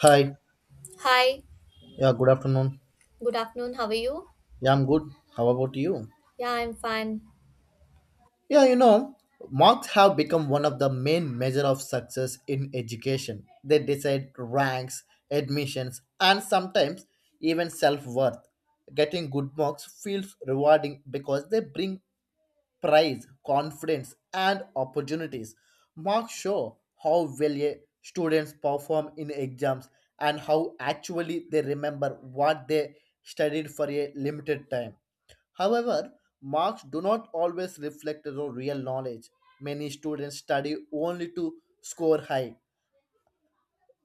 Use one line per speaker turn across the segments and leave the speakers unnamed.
Hi.
Hi,
Yeah, good afternoon.
good afternoon. How are you?
Yeah, I'm good. How about you?
Yeah, I'm fine.
Yeah, marks have become one of the main measure of success in education. They decide ranks, admissions, and sometimes even self-worth. Getting good marks feels rewarding because they bring prize, confidence, and opportunities. Marks show how well a students perform in exams and how actually they remember what they studied for a limited time. However, marks do not always reflect the real knowledge. Many students study only to score high,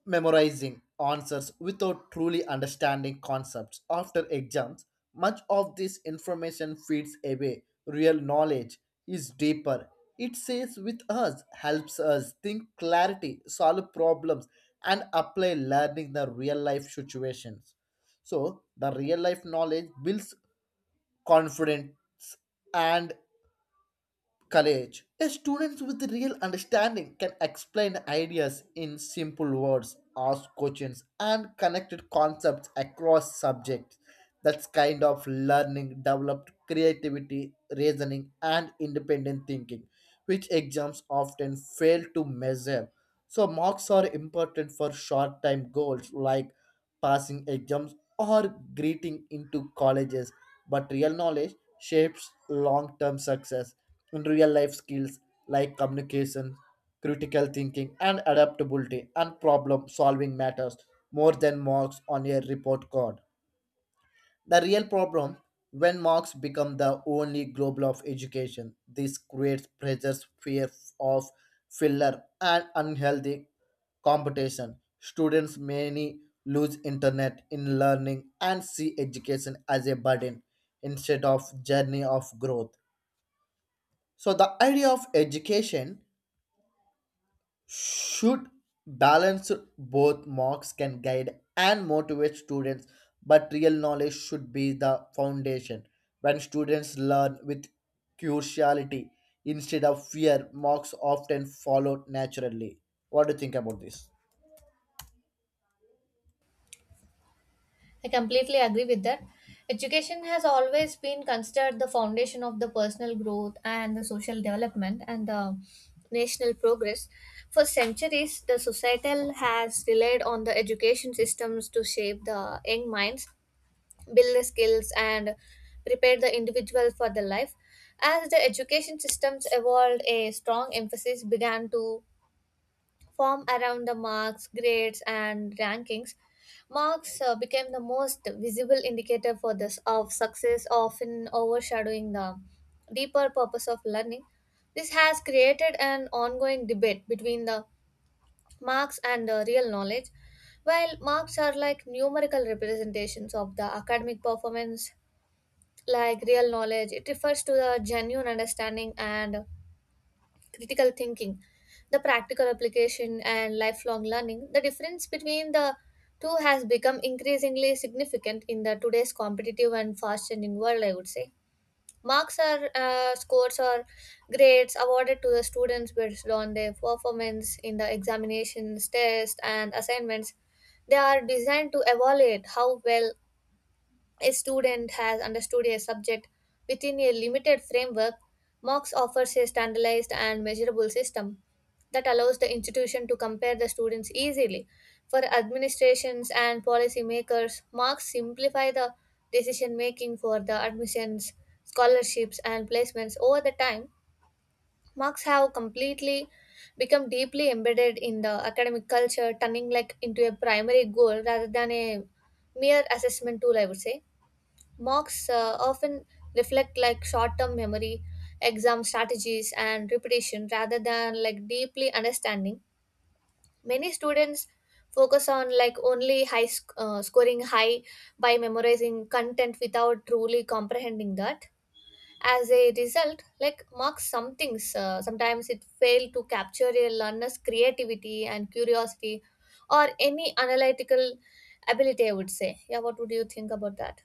memorizing answers without truly understanding concepts. After exams, much of this information feeds away. Real knowledge is deeper, it stays with us, helps us think clarity, solve problems, and apply learning the real life situations. So the real life knowledge builds confidence and courage. A student with real understanding can explain ideas in simple words, ask questions, and connected concepts across subjects. That's kind of learning developed creativity, reasoning, and independent thinking, which exams often fail to measure. So, marks are important for short time goals like passing exams or getting into colleges, but real knowledge shapes long term success in real life skills like communication, critical thinking, and adaptability and problem solving matters more than marks on a report card. The real problem when marks become the only global of education. This creates pressures, fear of filler and unhealthy competition. Students many lose internet in learning and see education as a burden instead of journey of growth. So the idea of education should balance both. Marks can guide and motivate students, but real knowledge should be the foundation. When students learn with curiosity instead of fear, marks often follow naturally. What do you think about this?
I completely agree with that. Education has always been considered the foundation of the personal growth and the social development and the national progress. For centuries, the societal has relied on the education systems to shape the young minds, build the skills, and prepare the individual for the life. As the education systems evolved, a strong emphasis began to form around the marks, grades, and rankings. Marks became the most visible indicator for this of success, often overshadowing the deeper purpose of learning. This has created an ongoing debate between the marks and the real knowledge. While marks are like numerical representations of the academic performance, like real knowledge, it refers to the genuine understanding and critical thinking, the practical application, and lifelong learning, the difference between the two has become increasingly significant in the today's competitive and fast-changing world. I would say marks are scores or grades awarded to the students based on their performance in the examinations, tests, and assignments. They are designed to evaluate how well a student has understood a subject within a limited framework. Marks offers a standardized and measurable system that allows the institution to compare the students easily. For administrations and policymakers, marks simplify the decision making for the admissions, scholarships, and placements over the time. Marks have completely become deeply embedded in the academic culture, turning like into a primary goal rather than a mere assessment tool, I would say. Mocks often reflect like short-term memory, exam strategies, and repetition rather than like deeply understanding. Many students focus on like only scoring high by memorizing content without truly comprehending that. As a result, like mocks some things, sometimes it fail to capture a learner's creativity and curiosity, or any analytical ability. I would say, yeah. What would you think about that?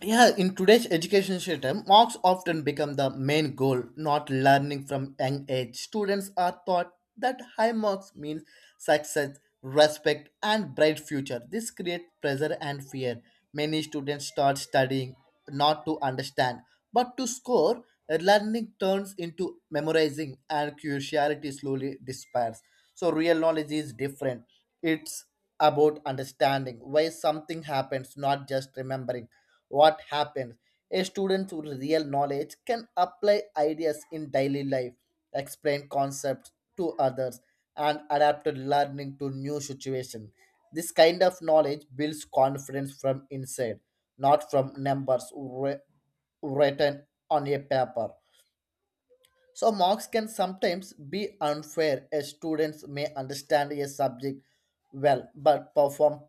Yeah, in today's education system, marks often become the main goal, not learning. From young age, students are taught that high marks means success, respect, and bright future. This creates pressure and fear. Many students start studying not to understand, but to score. Learning turns into memorizing, and curiosity slowly disappears. So real knowledge is different. It's about understanding why something happens, not just remembering what happens. A student with real knowledge can apply ideas in daily life, explain concepts to others, and adapt learning to new situations. This kind of knowledge builds confidence from inside, not from numbers written on a paper. So marks can sometimes be unfair, as students may understand a subject well but perform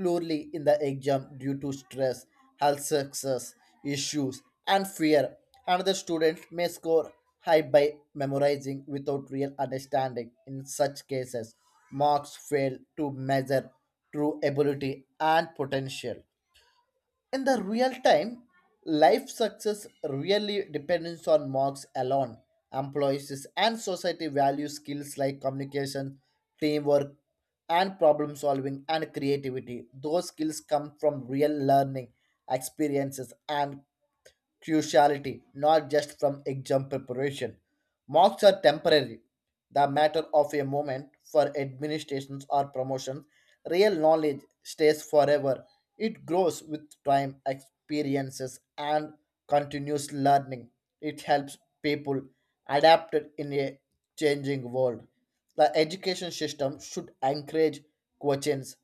poorly in the exam due to stress, health success issues, and fear. Another student may score high by memorizing without real understanding. In such cases, marks fail to measure true ability and potential. In the real time, life success really depends on marks alone. Employees and society value skills like communication, teamwork, and problem solving and creativity. Those skills come from real learning, experiences, and cruciality, not just from exam preparation. Marks are temporary, the matter of a moment for administrations or promotions. Real knowledge stays forever. It grows with time, experiences, and continuous learning. It helps people adapt in a changing world. The education system should encourage questions,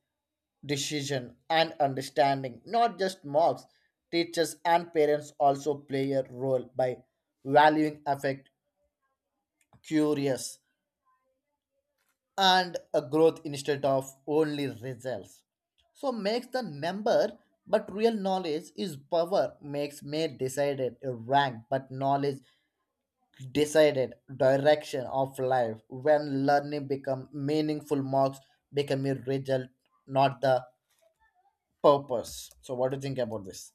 decision, and understanding, not just mobs. Teachers and parents also play a role by valuing affect, curious, and a growth instead of only results. So makes the number, but real knowledge is power. Makes may decided a rank, but knowledge decided direction of life. When learning become meaningful, marks become a result, not the purpose. So what do you think about this?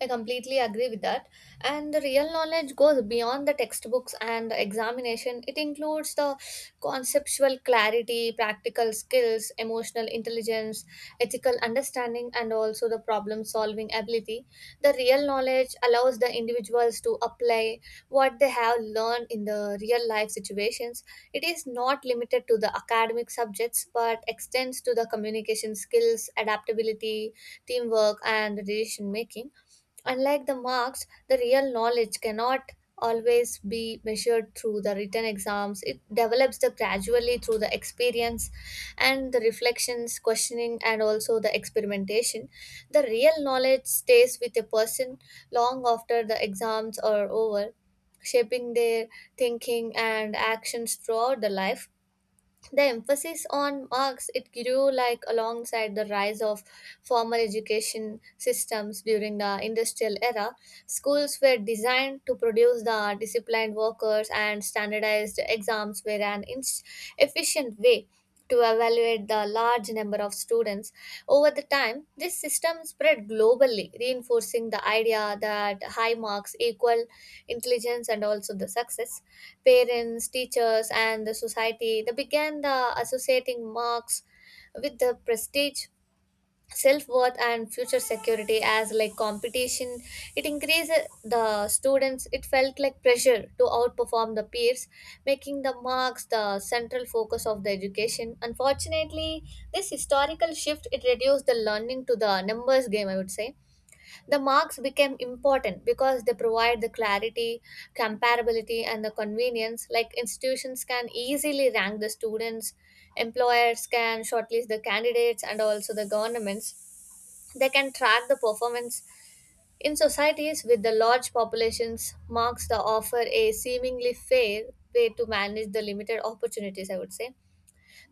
I completely agree with that. And the real knowledge goes beyond the textbooks and the examination. It includes the conceptual clarity, practical skills, emotional intelligence, ethical understanding, and also the problem solving ability. The real knowledge allows the individuals to apply what they have learned in the real life situations. It is not limited to the academic subjects but extends to the communication skills, adaptability, teamwork, and decision making. Unlike the marks, the real knowledge cannot always be measured through the written exams. It develops the gradually through the experience and the reflections, questioning, and also the experimentation. The real knowledge stays with a person long after the exams are over, shaping their thinking and actions throughout the life. The emphasis on marks it grew like alongside the rise of formal education systems during the industrial era. Schools were designed to produce the disciplined workers and standardized exams were an efficient way to evaluate the large number of students. Over the time, this system spread globally, reinforcing the idea that high marks equal intelligence and also the success. Parents, teachers, and the society they began the associating marks with the prestige, self-worth and future security. As like competition it increased, the students it felt like pressure to outperform the peers, making the marks the central focus of the education. Unfortunately, this historical shift it reduced the learning to the numbers game, I would say. The marks became important because they provide the clarity, comparability and the convenience, like institutions can easily rank the students, employers can shortlist the candidates and also the governments they can track the performance. In societies with the large populations, marks the offer a seemingly fair way to manage the limited opportunities, I would say.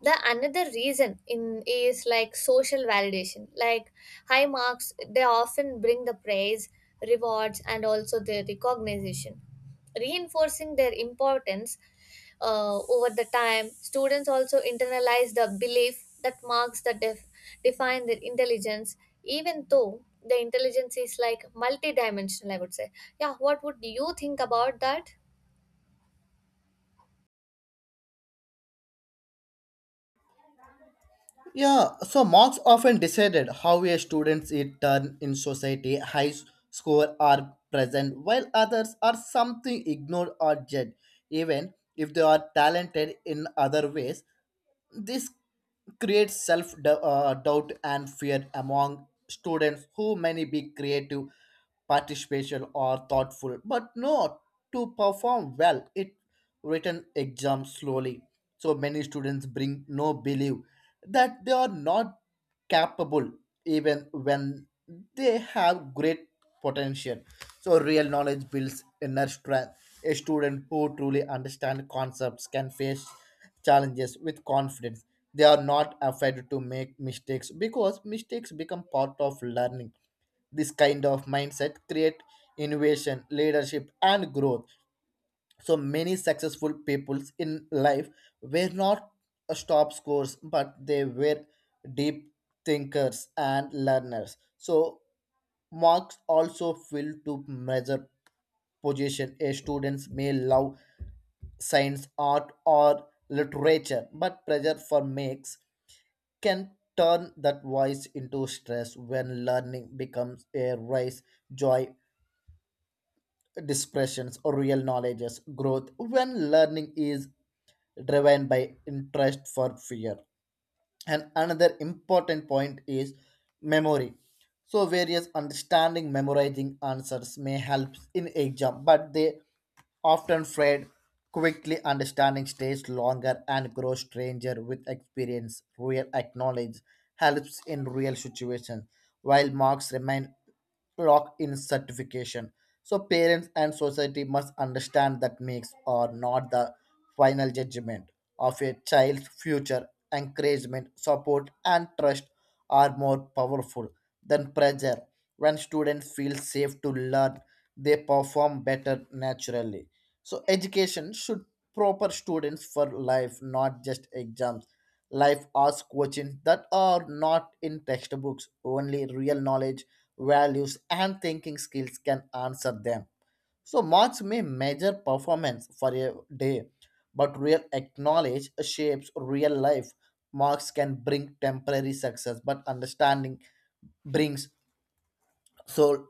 The another reason in is like social validation, like high marks they often bring the praise, rewards and also the recognition, reinforcing their importance. Over the time students also internalize the belief that define their intelligence, even though the intelligence is like multidimensional, I would say. Yeah, what would you think about that?
Yeah, so marks often decided how a student's it turn in society. High score are present, while others are something ignored or judged, even if they are talented in other ways. This creates self doubt and fear among students who may be creative, participation, or thoughtful, but not to perform well. It written exam slowly. So many students bring no belief that they are not capable, even when they have great potential. So real knowledge builds inner strength. A student who truly understands concepts can face challenges with confidence. They are not afraid to make mistakes because mistakes become part of learning. This kind of mindset create innovation, leadership, and growth. So many successful peoples in life were not a top scores, but they were deep thinkers and learners. So marks also fail to measure position. A students may love science, art, or literature, but pressure for makes can turn that voice into stress. When learning becomes a race, joy, dispressions or real knowledge's growth. When learning is driven by interest for fear. And another important point is memory. So various understanding memorizing answers may help in exam, but they often fade quickly. Understanding stays longer and grows stranger with experience. Real acknowledge helps in real situations, while marks remain locked in certification. So parents and society must understand that makes or not the final judgment of a child's future. Encouragement, support, and trust are more powerful than pressure. When students feel safe to learn, they perform better naturally. So, education should proper students for life, not just exams. Life asks questions that are not in textbooks. Only real knowledge, values, and thinking skills can answer them. So marks may measure performance for a day, but real acknowledge shapes real life. Marks can bring temporary success, but understanding brings so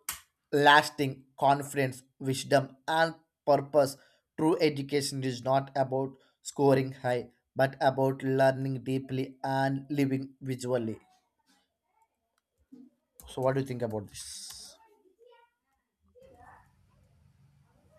lasting confidence, wisdom, and purpose. True education is not about scoring high, but about learning deeply and living visually. So, what do you think about this?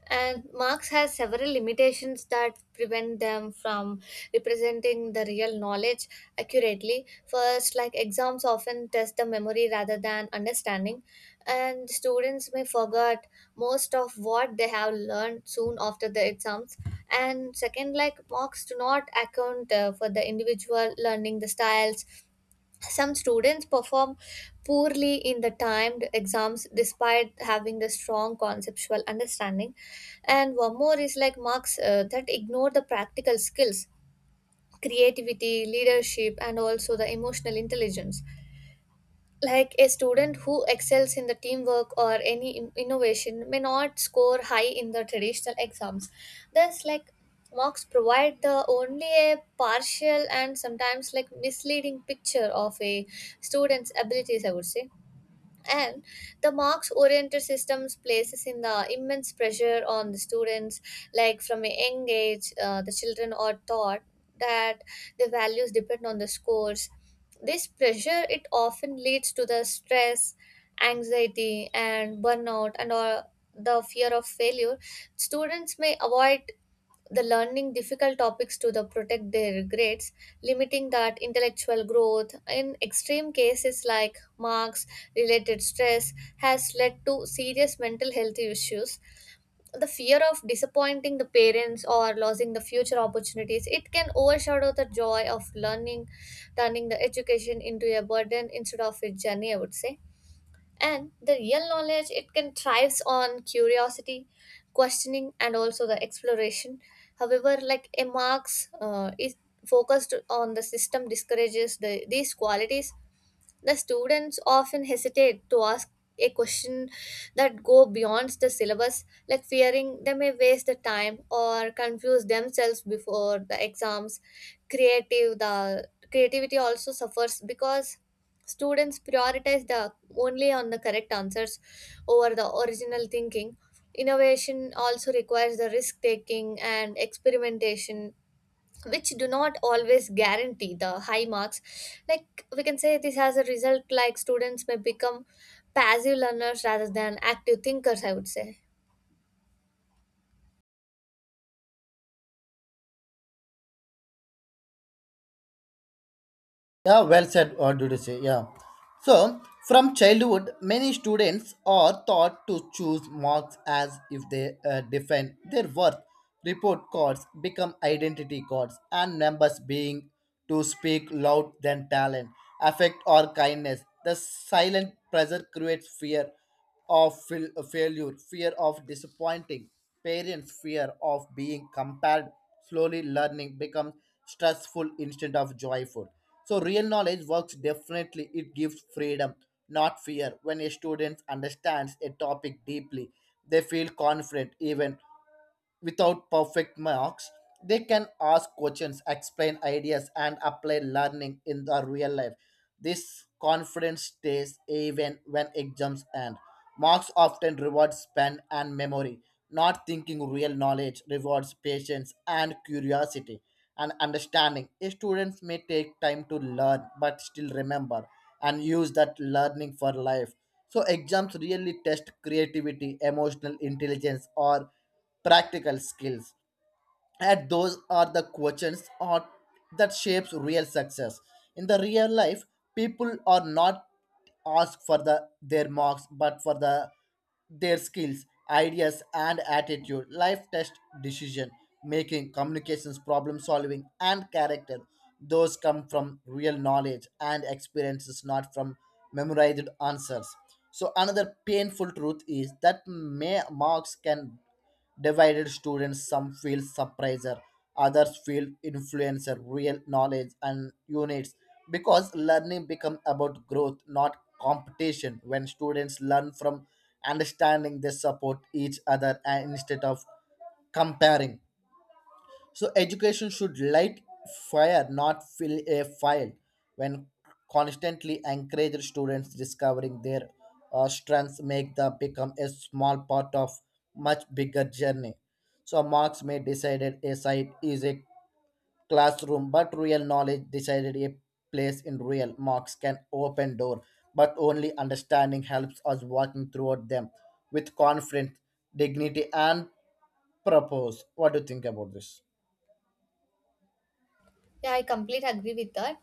And Marx has several limitations that prevent them from representing the real knowledge accurately. First, like exams often test the memory rather than understanding, and students may forget most of what they have learned soon after the exams. And second, like Marx do not account for the individual learning, the styles, some students perform poorly in the timed exams despite having the strong conceptual understanding. And one more is like marks that ignore the practical skills, creativity, leadership, and also the emotional intelligence, like a student who excels in the teamwork or any innovation may not score high in the traditional exams. Thus like marks provide the only a partial and sometimes like misleading picture of a student's abilities, I would say. And the marks oriented systems places in the immense pressure on the students, like from a young age the children are taught that the values depend on the scores. This pressure it often leads to the stress, anxiety and burnout and or the fear of failure. Students may avoid the learning difficult topics to the protect their grades, limiting that intellectual growth. In extreme cases, like marks related stress has led to serious mental health issues. The fear of disappointing the parents or losing the future opportunities it can overshadow the joy of learning, turning the education into a burden instead of a journey, I would say. And the real knowledge it can thrives on curiosity, questioning and also the exploration. However, like a marks is focused on the system discourages the, these qualities. The students often hesitate to ask a question that go beyond the syllabus, like fearing they may waste the time or confuse themselves before the exams. Creative the creativity also suffers because students prioritize the only on the correct answers over the original thinking. Innovation also requires the risk taking and experimentation, which do not always guarantee the high marks. Like we can say this has a result, like students may become passive learners rather than active thinkers, I would say.
Yeah, well said. What did you say? Yeah. So, from childhood, many students are taught to choose marks as if they define their worth. Report cards become identity cards, and numbers being to speak loud than talent, affect or kindness. The silent pressure creates fear of failure, fear of disappointing parents, fear of being compared. Slowly learning becomes stressful instead of joyful. So, real knowledge works differently. It gives freedom, not fear. When a student understands a topic deeply, they feel confident even without perfect marks. They can ask questions, explain ideas, and apply learning in the real life. This confidence stays even when exams end. Marks often reward spend and memory, not thinking. Real knowledge rewards patience and curiosity and understanding. Students may take time to learn but still remember and use that learning for life. So exams really test creativity, emotional intelligence, or practical skills, and those are the questions or that shapes real success. In the real life, people are not asked for the their marks, but for the their skills, ideas, and attitude. Life test decision making, communications, problem solving, and character. Those come from real knowledge and experiences, not from memorized answers. So another painful truth is that may marks can divided students. Some feel surpriser, others feel influencer. Real knowledge and units, because learning becomes about growth, not competition. When students learn from understanding, they support each other and instead of comparing. So education should light fire, not fill a file. When constantly encourage students discovering their strengths, make them become a small part of much bigger journey. So marks may decided a site is a classroom, but real knowledge decided a place in real. Marks can open door, but only understanding helps us walking throughout them with confidence, dignity, and purpose. What do you think about this?
Yeah, I completely agree with that.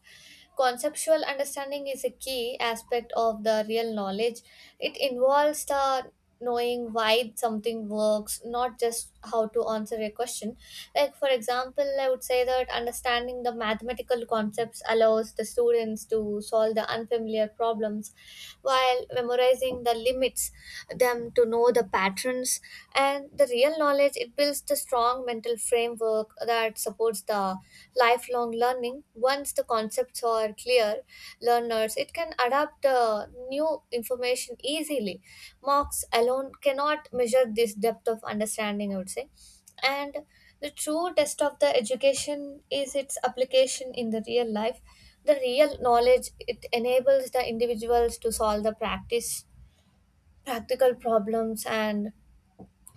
Conceptual understanding is a key aspect of the real knowledge. It involves the knowing why something works, not just how to answer a question. Like, for example, I would say that understanding the mathematical concepts allows the students to solve the unfamiliar problems while memorizing the limits them to know the patterns. And the real knowledge it builds the strong mental framework that supports the lifelong learning. Once the concepts are clear, learners it can adapt new information easily. Marks alone cannot measure this depth of understanding, I would say. And the true test of the education is its application in the real life. The real knowledge it enables the individuals to solve the practice practical problems and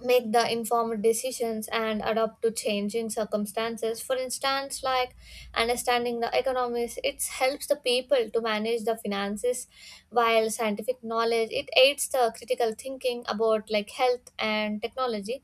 make the informed decisions and adapt to changing circumstances. For instance, like understanding the economics it helps the people to manage the finances, while scientific knowledge it aids the critical thinking about like health and technology.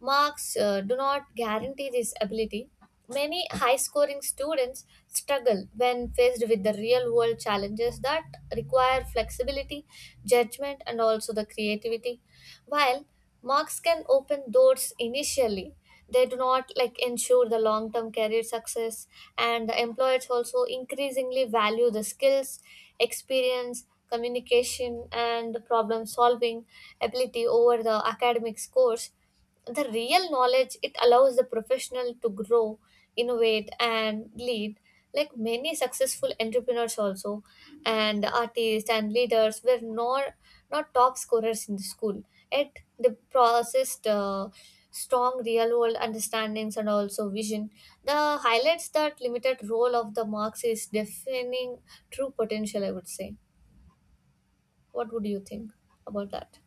Marks do not guarantee this ability. Many high scoring students struggle when faced with the real world challenges that require flexibility, judgment, and also the creativity. While marks can open doors initially, they do not like ensure the long term career success, and the employers also increasingly value the skills, experience, communication, and problem solving ability over the academic scores. The real knowledge it allows the professional to grow, innovate and lead, like many successful entrepreneurs also and artists and leaders were not top scorers in the school, yet they processed strong real world understandings and also vision. The highlights that limited role of the marks is defining true potential, I would say. What would you think about that?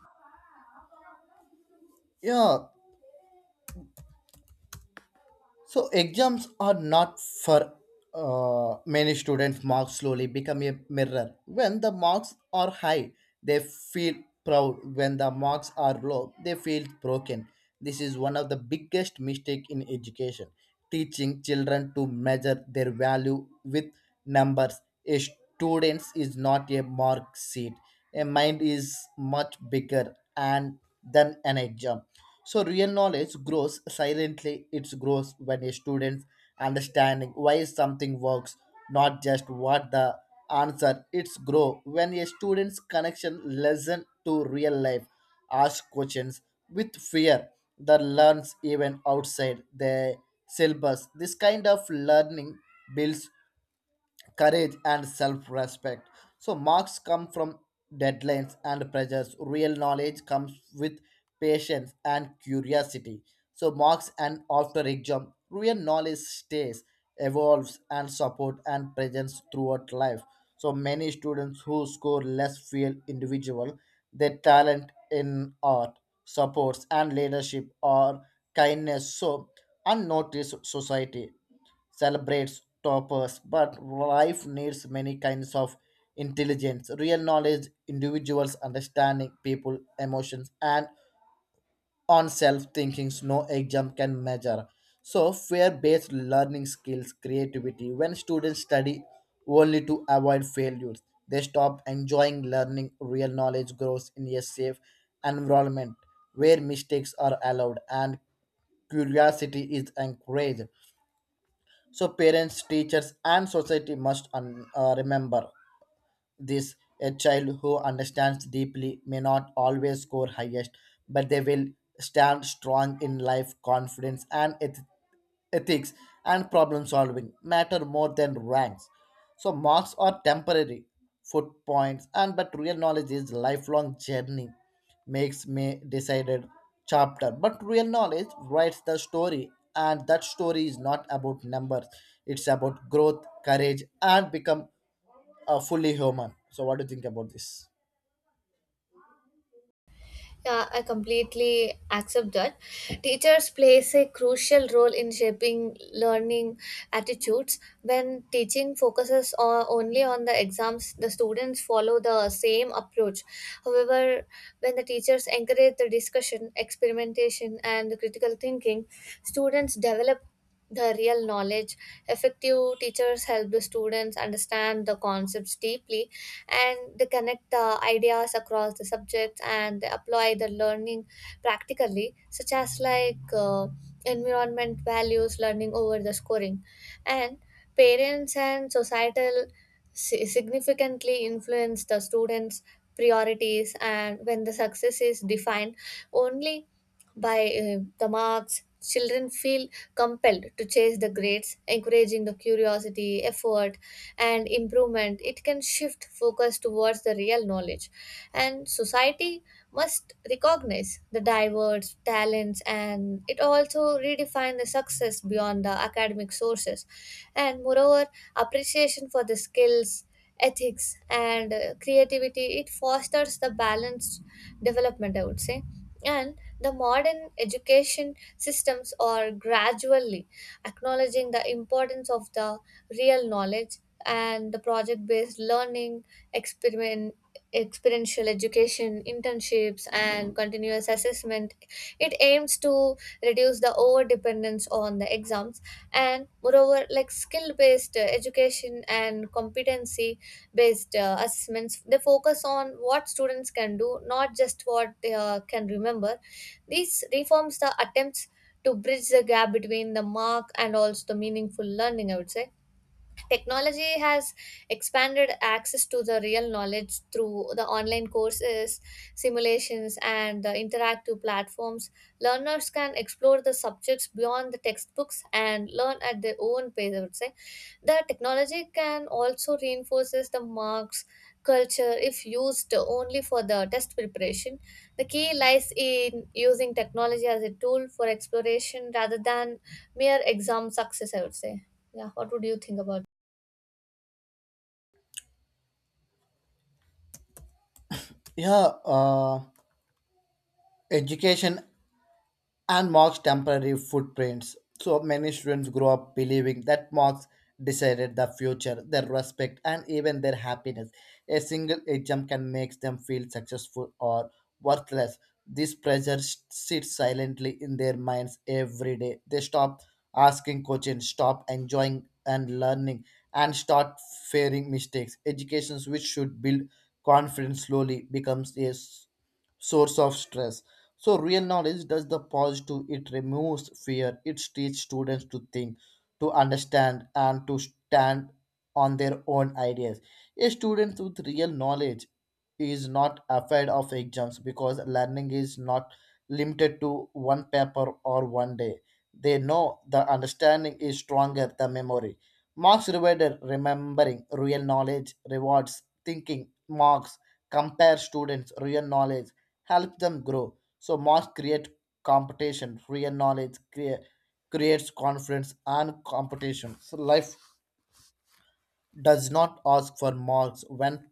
Yeah, so exams are not for many students. Marks slowly become a mirror. When the marks are high, they feel proud. When the marks are low, they feel broken. This is one of the biggest mistake in education. Teaching children to measure their value with numbers. A student is not a mark sheet. A mind is much bigger and than an exam. So real knowledge grows silently. It grows when a student's understanding why something works, not just what the answer. It's grow when a student's connection lesson to real life, ask questions with fear, that learns even outside the syllabus. This kind of learning builds courage and self-respect. So marks come from deadlines and pressures. Real knowledge comes with patience and curiosity. So marks and after exam, real knowledge stays, evolves and support and presence throughout life. So many students who score less feel individual. Their talent in art supports and leadership or kindness, so unnoticed. Society celebrates toppers, but life needs many kinds of intelligence. Real knowledge, individuals understanding people, emotions, and on self thinkings no exam can measure. So fear based learning skills, creativity. When students study only to avoid failures, they stop enjoying learning. Real knowledge grows in a safe environment where mistakes are allowed and curiosity is encouraged. So parents, teachers, and society must remember this: a child who understands deeply may not always score highest, but they will stand strong in life. Confidence, and ethics, and problem solving matter more than ranks. So marks are temporary foot points, and but real knowledge is lifelong journey. Makes me decided chapter, but real knowledge writes the story, and that story is not about numbers. It's about growth, courage, and become a fully human. So, what do you think about this?
Yeah, I completely accept that. Teachers plays a crucial role in shaping learning attitudes. When teaching focuses on, only on the exams, the students follow the same approach. However, when the teachers encourage the discussion, experimentation, and critical thinking, students develop the real knowledge. Effective teachers help the students understand the concepts deeply and they connect the ideas across the subjects and they apply the learning practically, such as like environment values, learning over the scoring. And parents and societal significantly influence the students' priorities, and when the success is defined only by the marks, children feel compelled to chase the grades, encouraging the curiosity, effort, and improvement. It can shift focus towards the real knowledge, and society must recognize the diverse talents and it also redefine the success beyond the academic sources. And moreover, appreciation for the skills, ethics and creativity it fosters the balanced development, I would say. And the modern education systems are gradually acknowledging the importance of the real knowledge and the project based learning, experiment, experiential education, internships, and continuous assessment. It aims to reduce the over dependence on the exams, and, moreover, like skill based education and competency based assessments they focus on what students can do, not just what they can remember. These reforms the attempts to bridge the gap between the mark and also the meaningful learning, I would say. Technology has expanded access to the real knowledge through the online courses, simulations and the interactive platforms. Learners can explore the subjects beyond the textbooks and learn at their own pace, I would say. The technology can also reinforces the marks culture if used only for the test preparation. The key lies in using technology as a tool for exploration rather than mere exam success, I would say. Yeah, what would you think about?
Yeah, education and marks temporary footprints. So many students grow up believing that marks decided the future, their respect, and even their happiness. A single exam can make them feel successful or worthless. This pressure sits silently in their minds every day. They stop asking questions, stop enjoying and learning, and start fearing mistakes. Education, which should build confidence, slowly becomes a source of stress. So real knowledge does the positive. It removes fear, it teaches students to think, to understand, and to stand on their own ideas. A student with real knowledge is not afraid of exams because learning is not limited to one paper or one day. They know the understanding is stronger than memory. Marks rewarded remembering. Real knowledge rewards thinking. Marks compare students' real knowledge, help them grow. So marks create competition, real knowledge creates confidence and competition. So life does not ask for marks when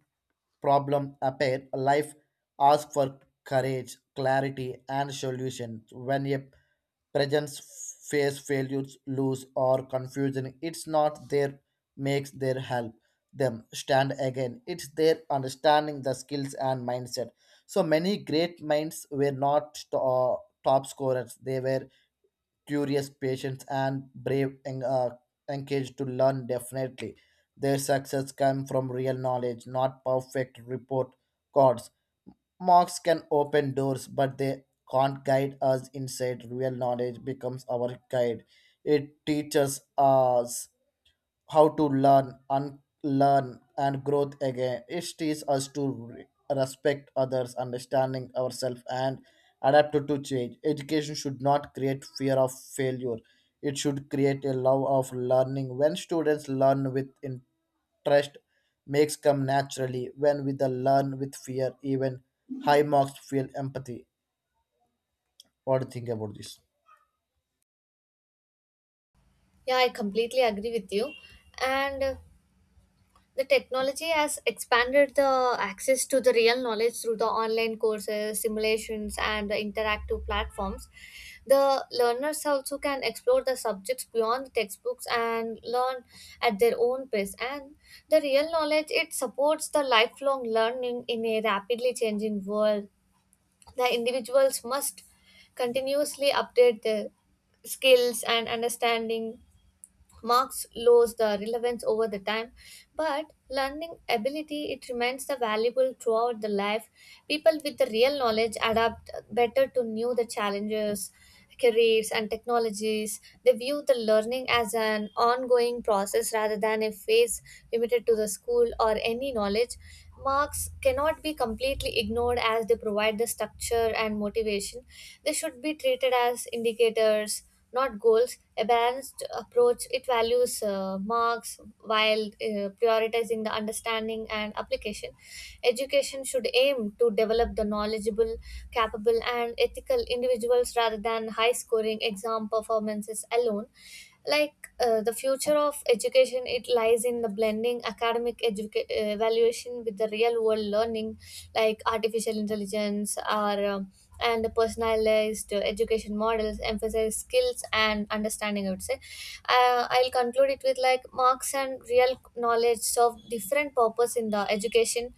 problem appear. Life asks for courage, clarity, and solutions. When a presence face failures, lose, or confusion, it's not their makes their help them stand again. It's their understanding the skills and mindset. So many great minds were not top scorers. They were curious patience and brave engaged to learn definitely. Their success comes from real knowledge, not perfect report cards. Marks can open doors, but they can't guide us inside. Real knowledge becomes our guide. It teaches us how to learn, unlearn, and growth again. It teaches us to respect others, understanding ourselves, and adapt to change. Education should not create fear of failure. It should create a love of learning. When students learn with interest, makes come naturally. When we the learn with fear, even high marks feel empathy. What do you think about this?
Yeah, I completely agree with you. And the technology has expanded the access to the real knowledge through the online courses, simulations, and the interactive platforms. The learners also can explore the subjects beyond the textbooks and learn at their own pace. And the real knowledge it supports the lifelong learning in a rapidly changing world. The individuals must continuously update their skills and understanding. Marks lose the relevance over the time, but learning ability it remains the valuable throughout the life. People with the real knowledge adapt better to new the challenges, careers and technologies. They view the learning as an ongoing process rather than a phase limited to the school or any knowledge. Marks cannot be completely ignored as they provide the structure and motivation. They should be treated as indicators, not goals. A balanced approach it values marks while prioritizing the understanding and application. Education should aim to develop the knowledgeable, capable, and ethical individuals rather than high scoring exam performances alone. Like the future of education it lies in the blending academic evaluation with the real world learning, like artificial intelligence or and personalized education models emphasize skills and understanding, I would say. I'll conclude it with like marks and real knowledge serve different purpose in the education.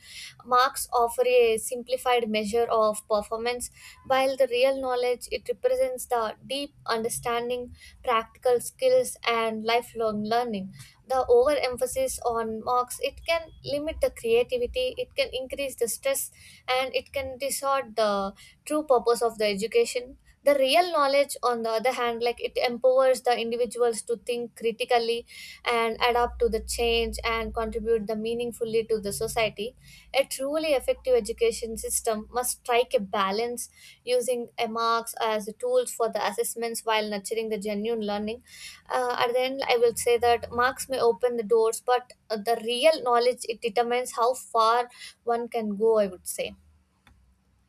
Marks offer a simplified measure of performance, while the real knowledge it represents the deep understanding, practical skills and lifelong learning. The overemphasis on marks it can limit the creativity, it can increase the stress and it can distort the true purpose of the education. The real knowledge on the other hand, like it empowers the individuals to think critically and adapt to the change and contribute the meaningfully to the society. A truly effective education system must strike a balance, using a marks as the tools for the assessments while nurturing the genuine learning. At the end I will say that marks may open the doors but the real knowledge it determines how far one can go, I would say.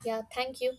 Yeah, thank you.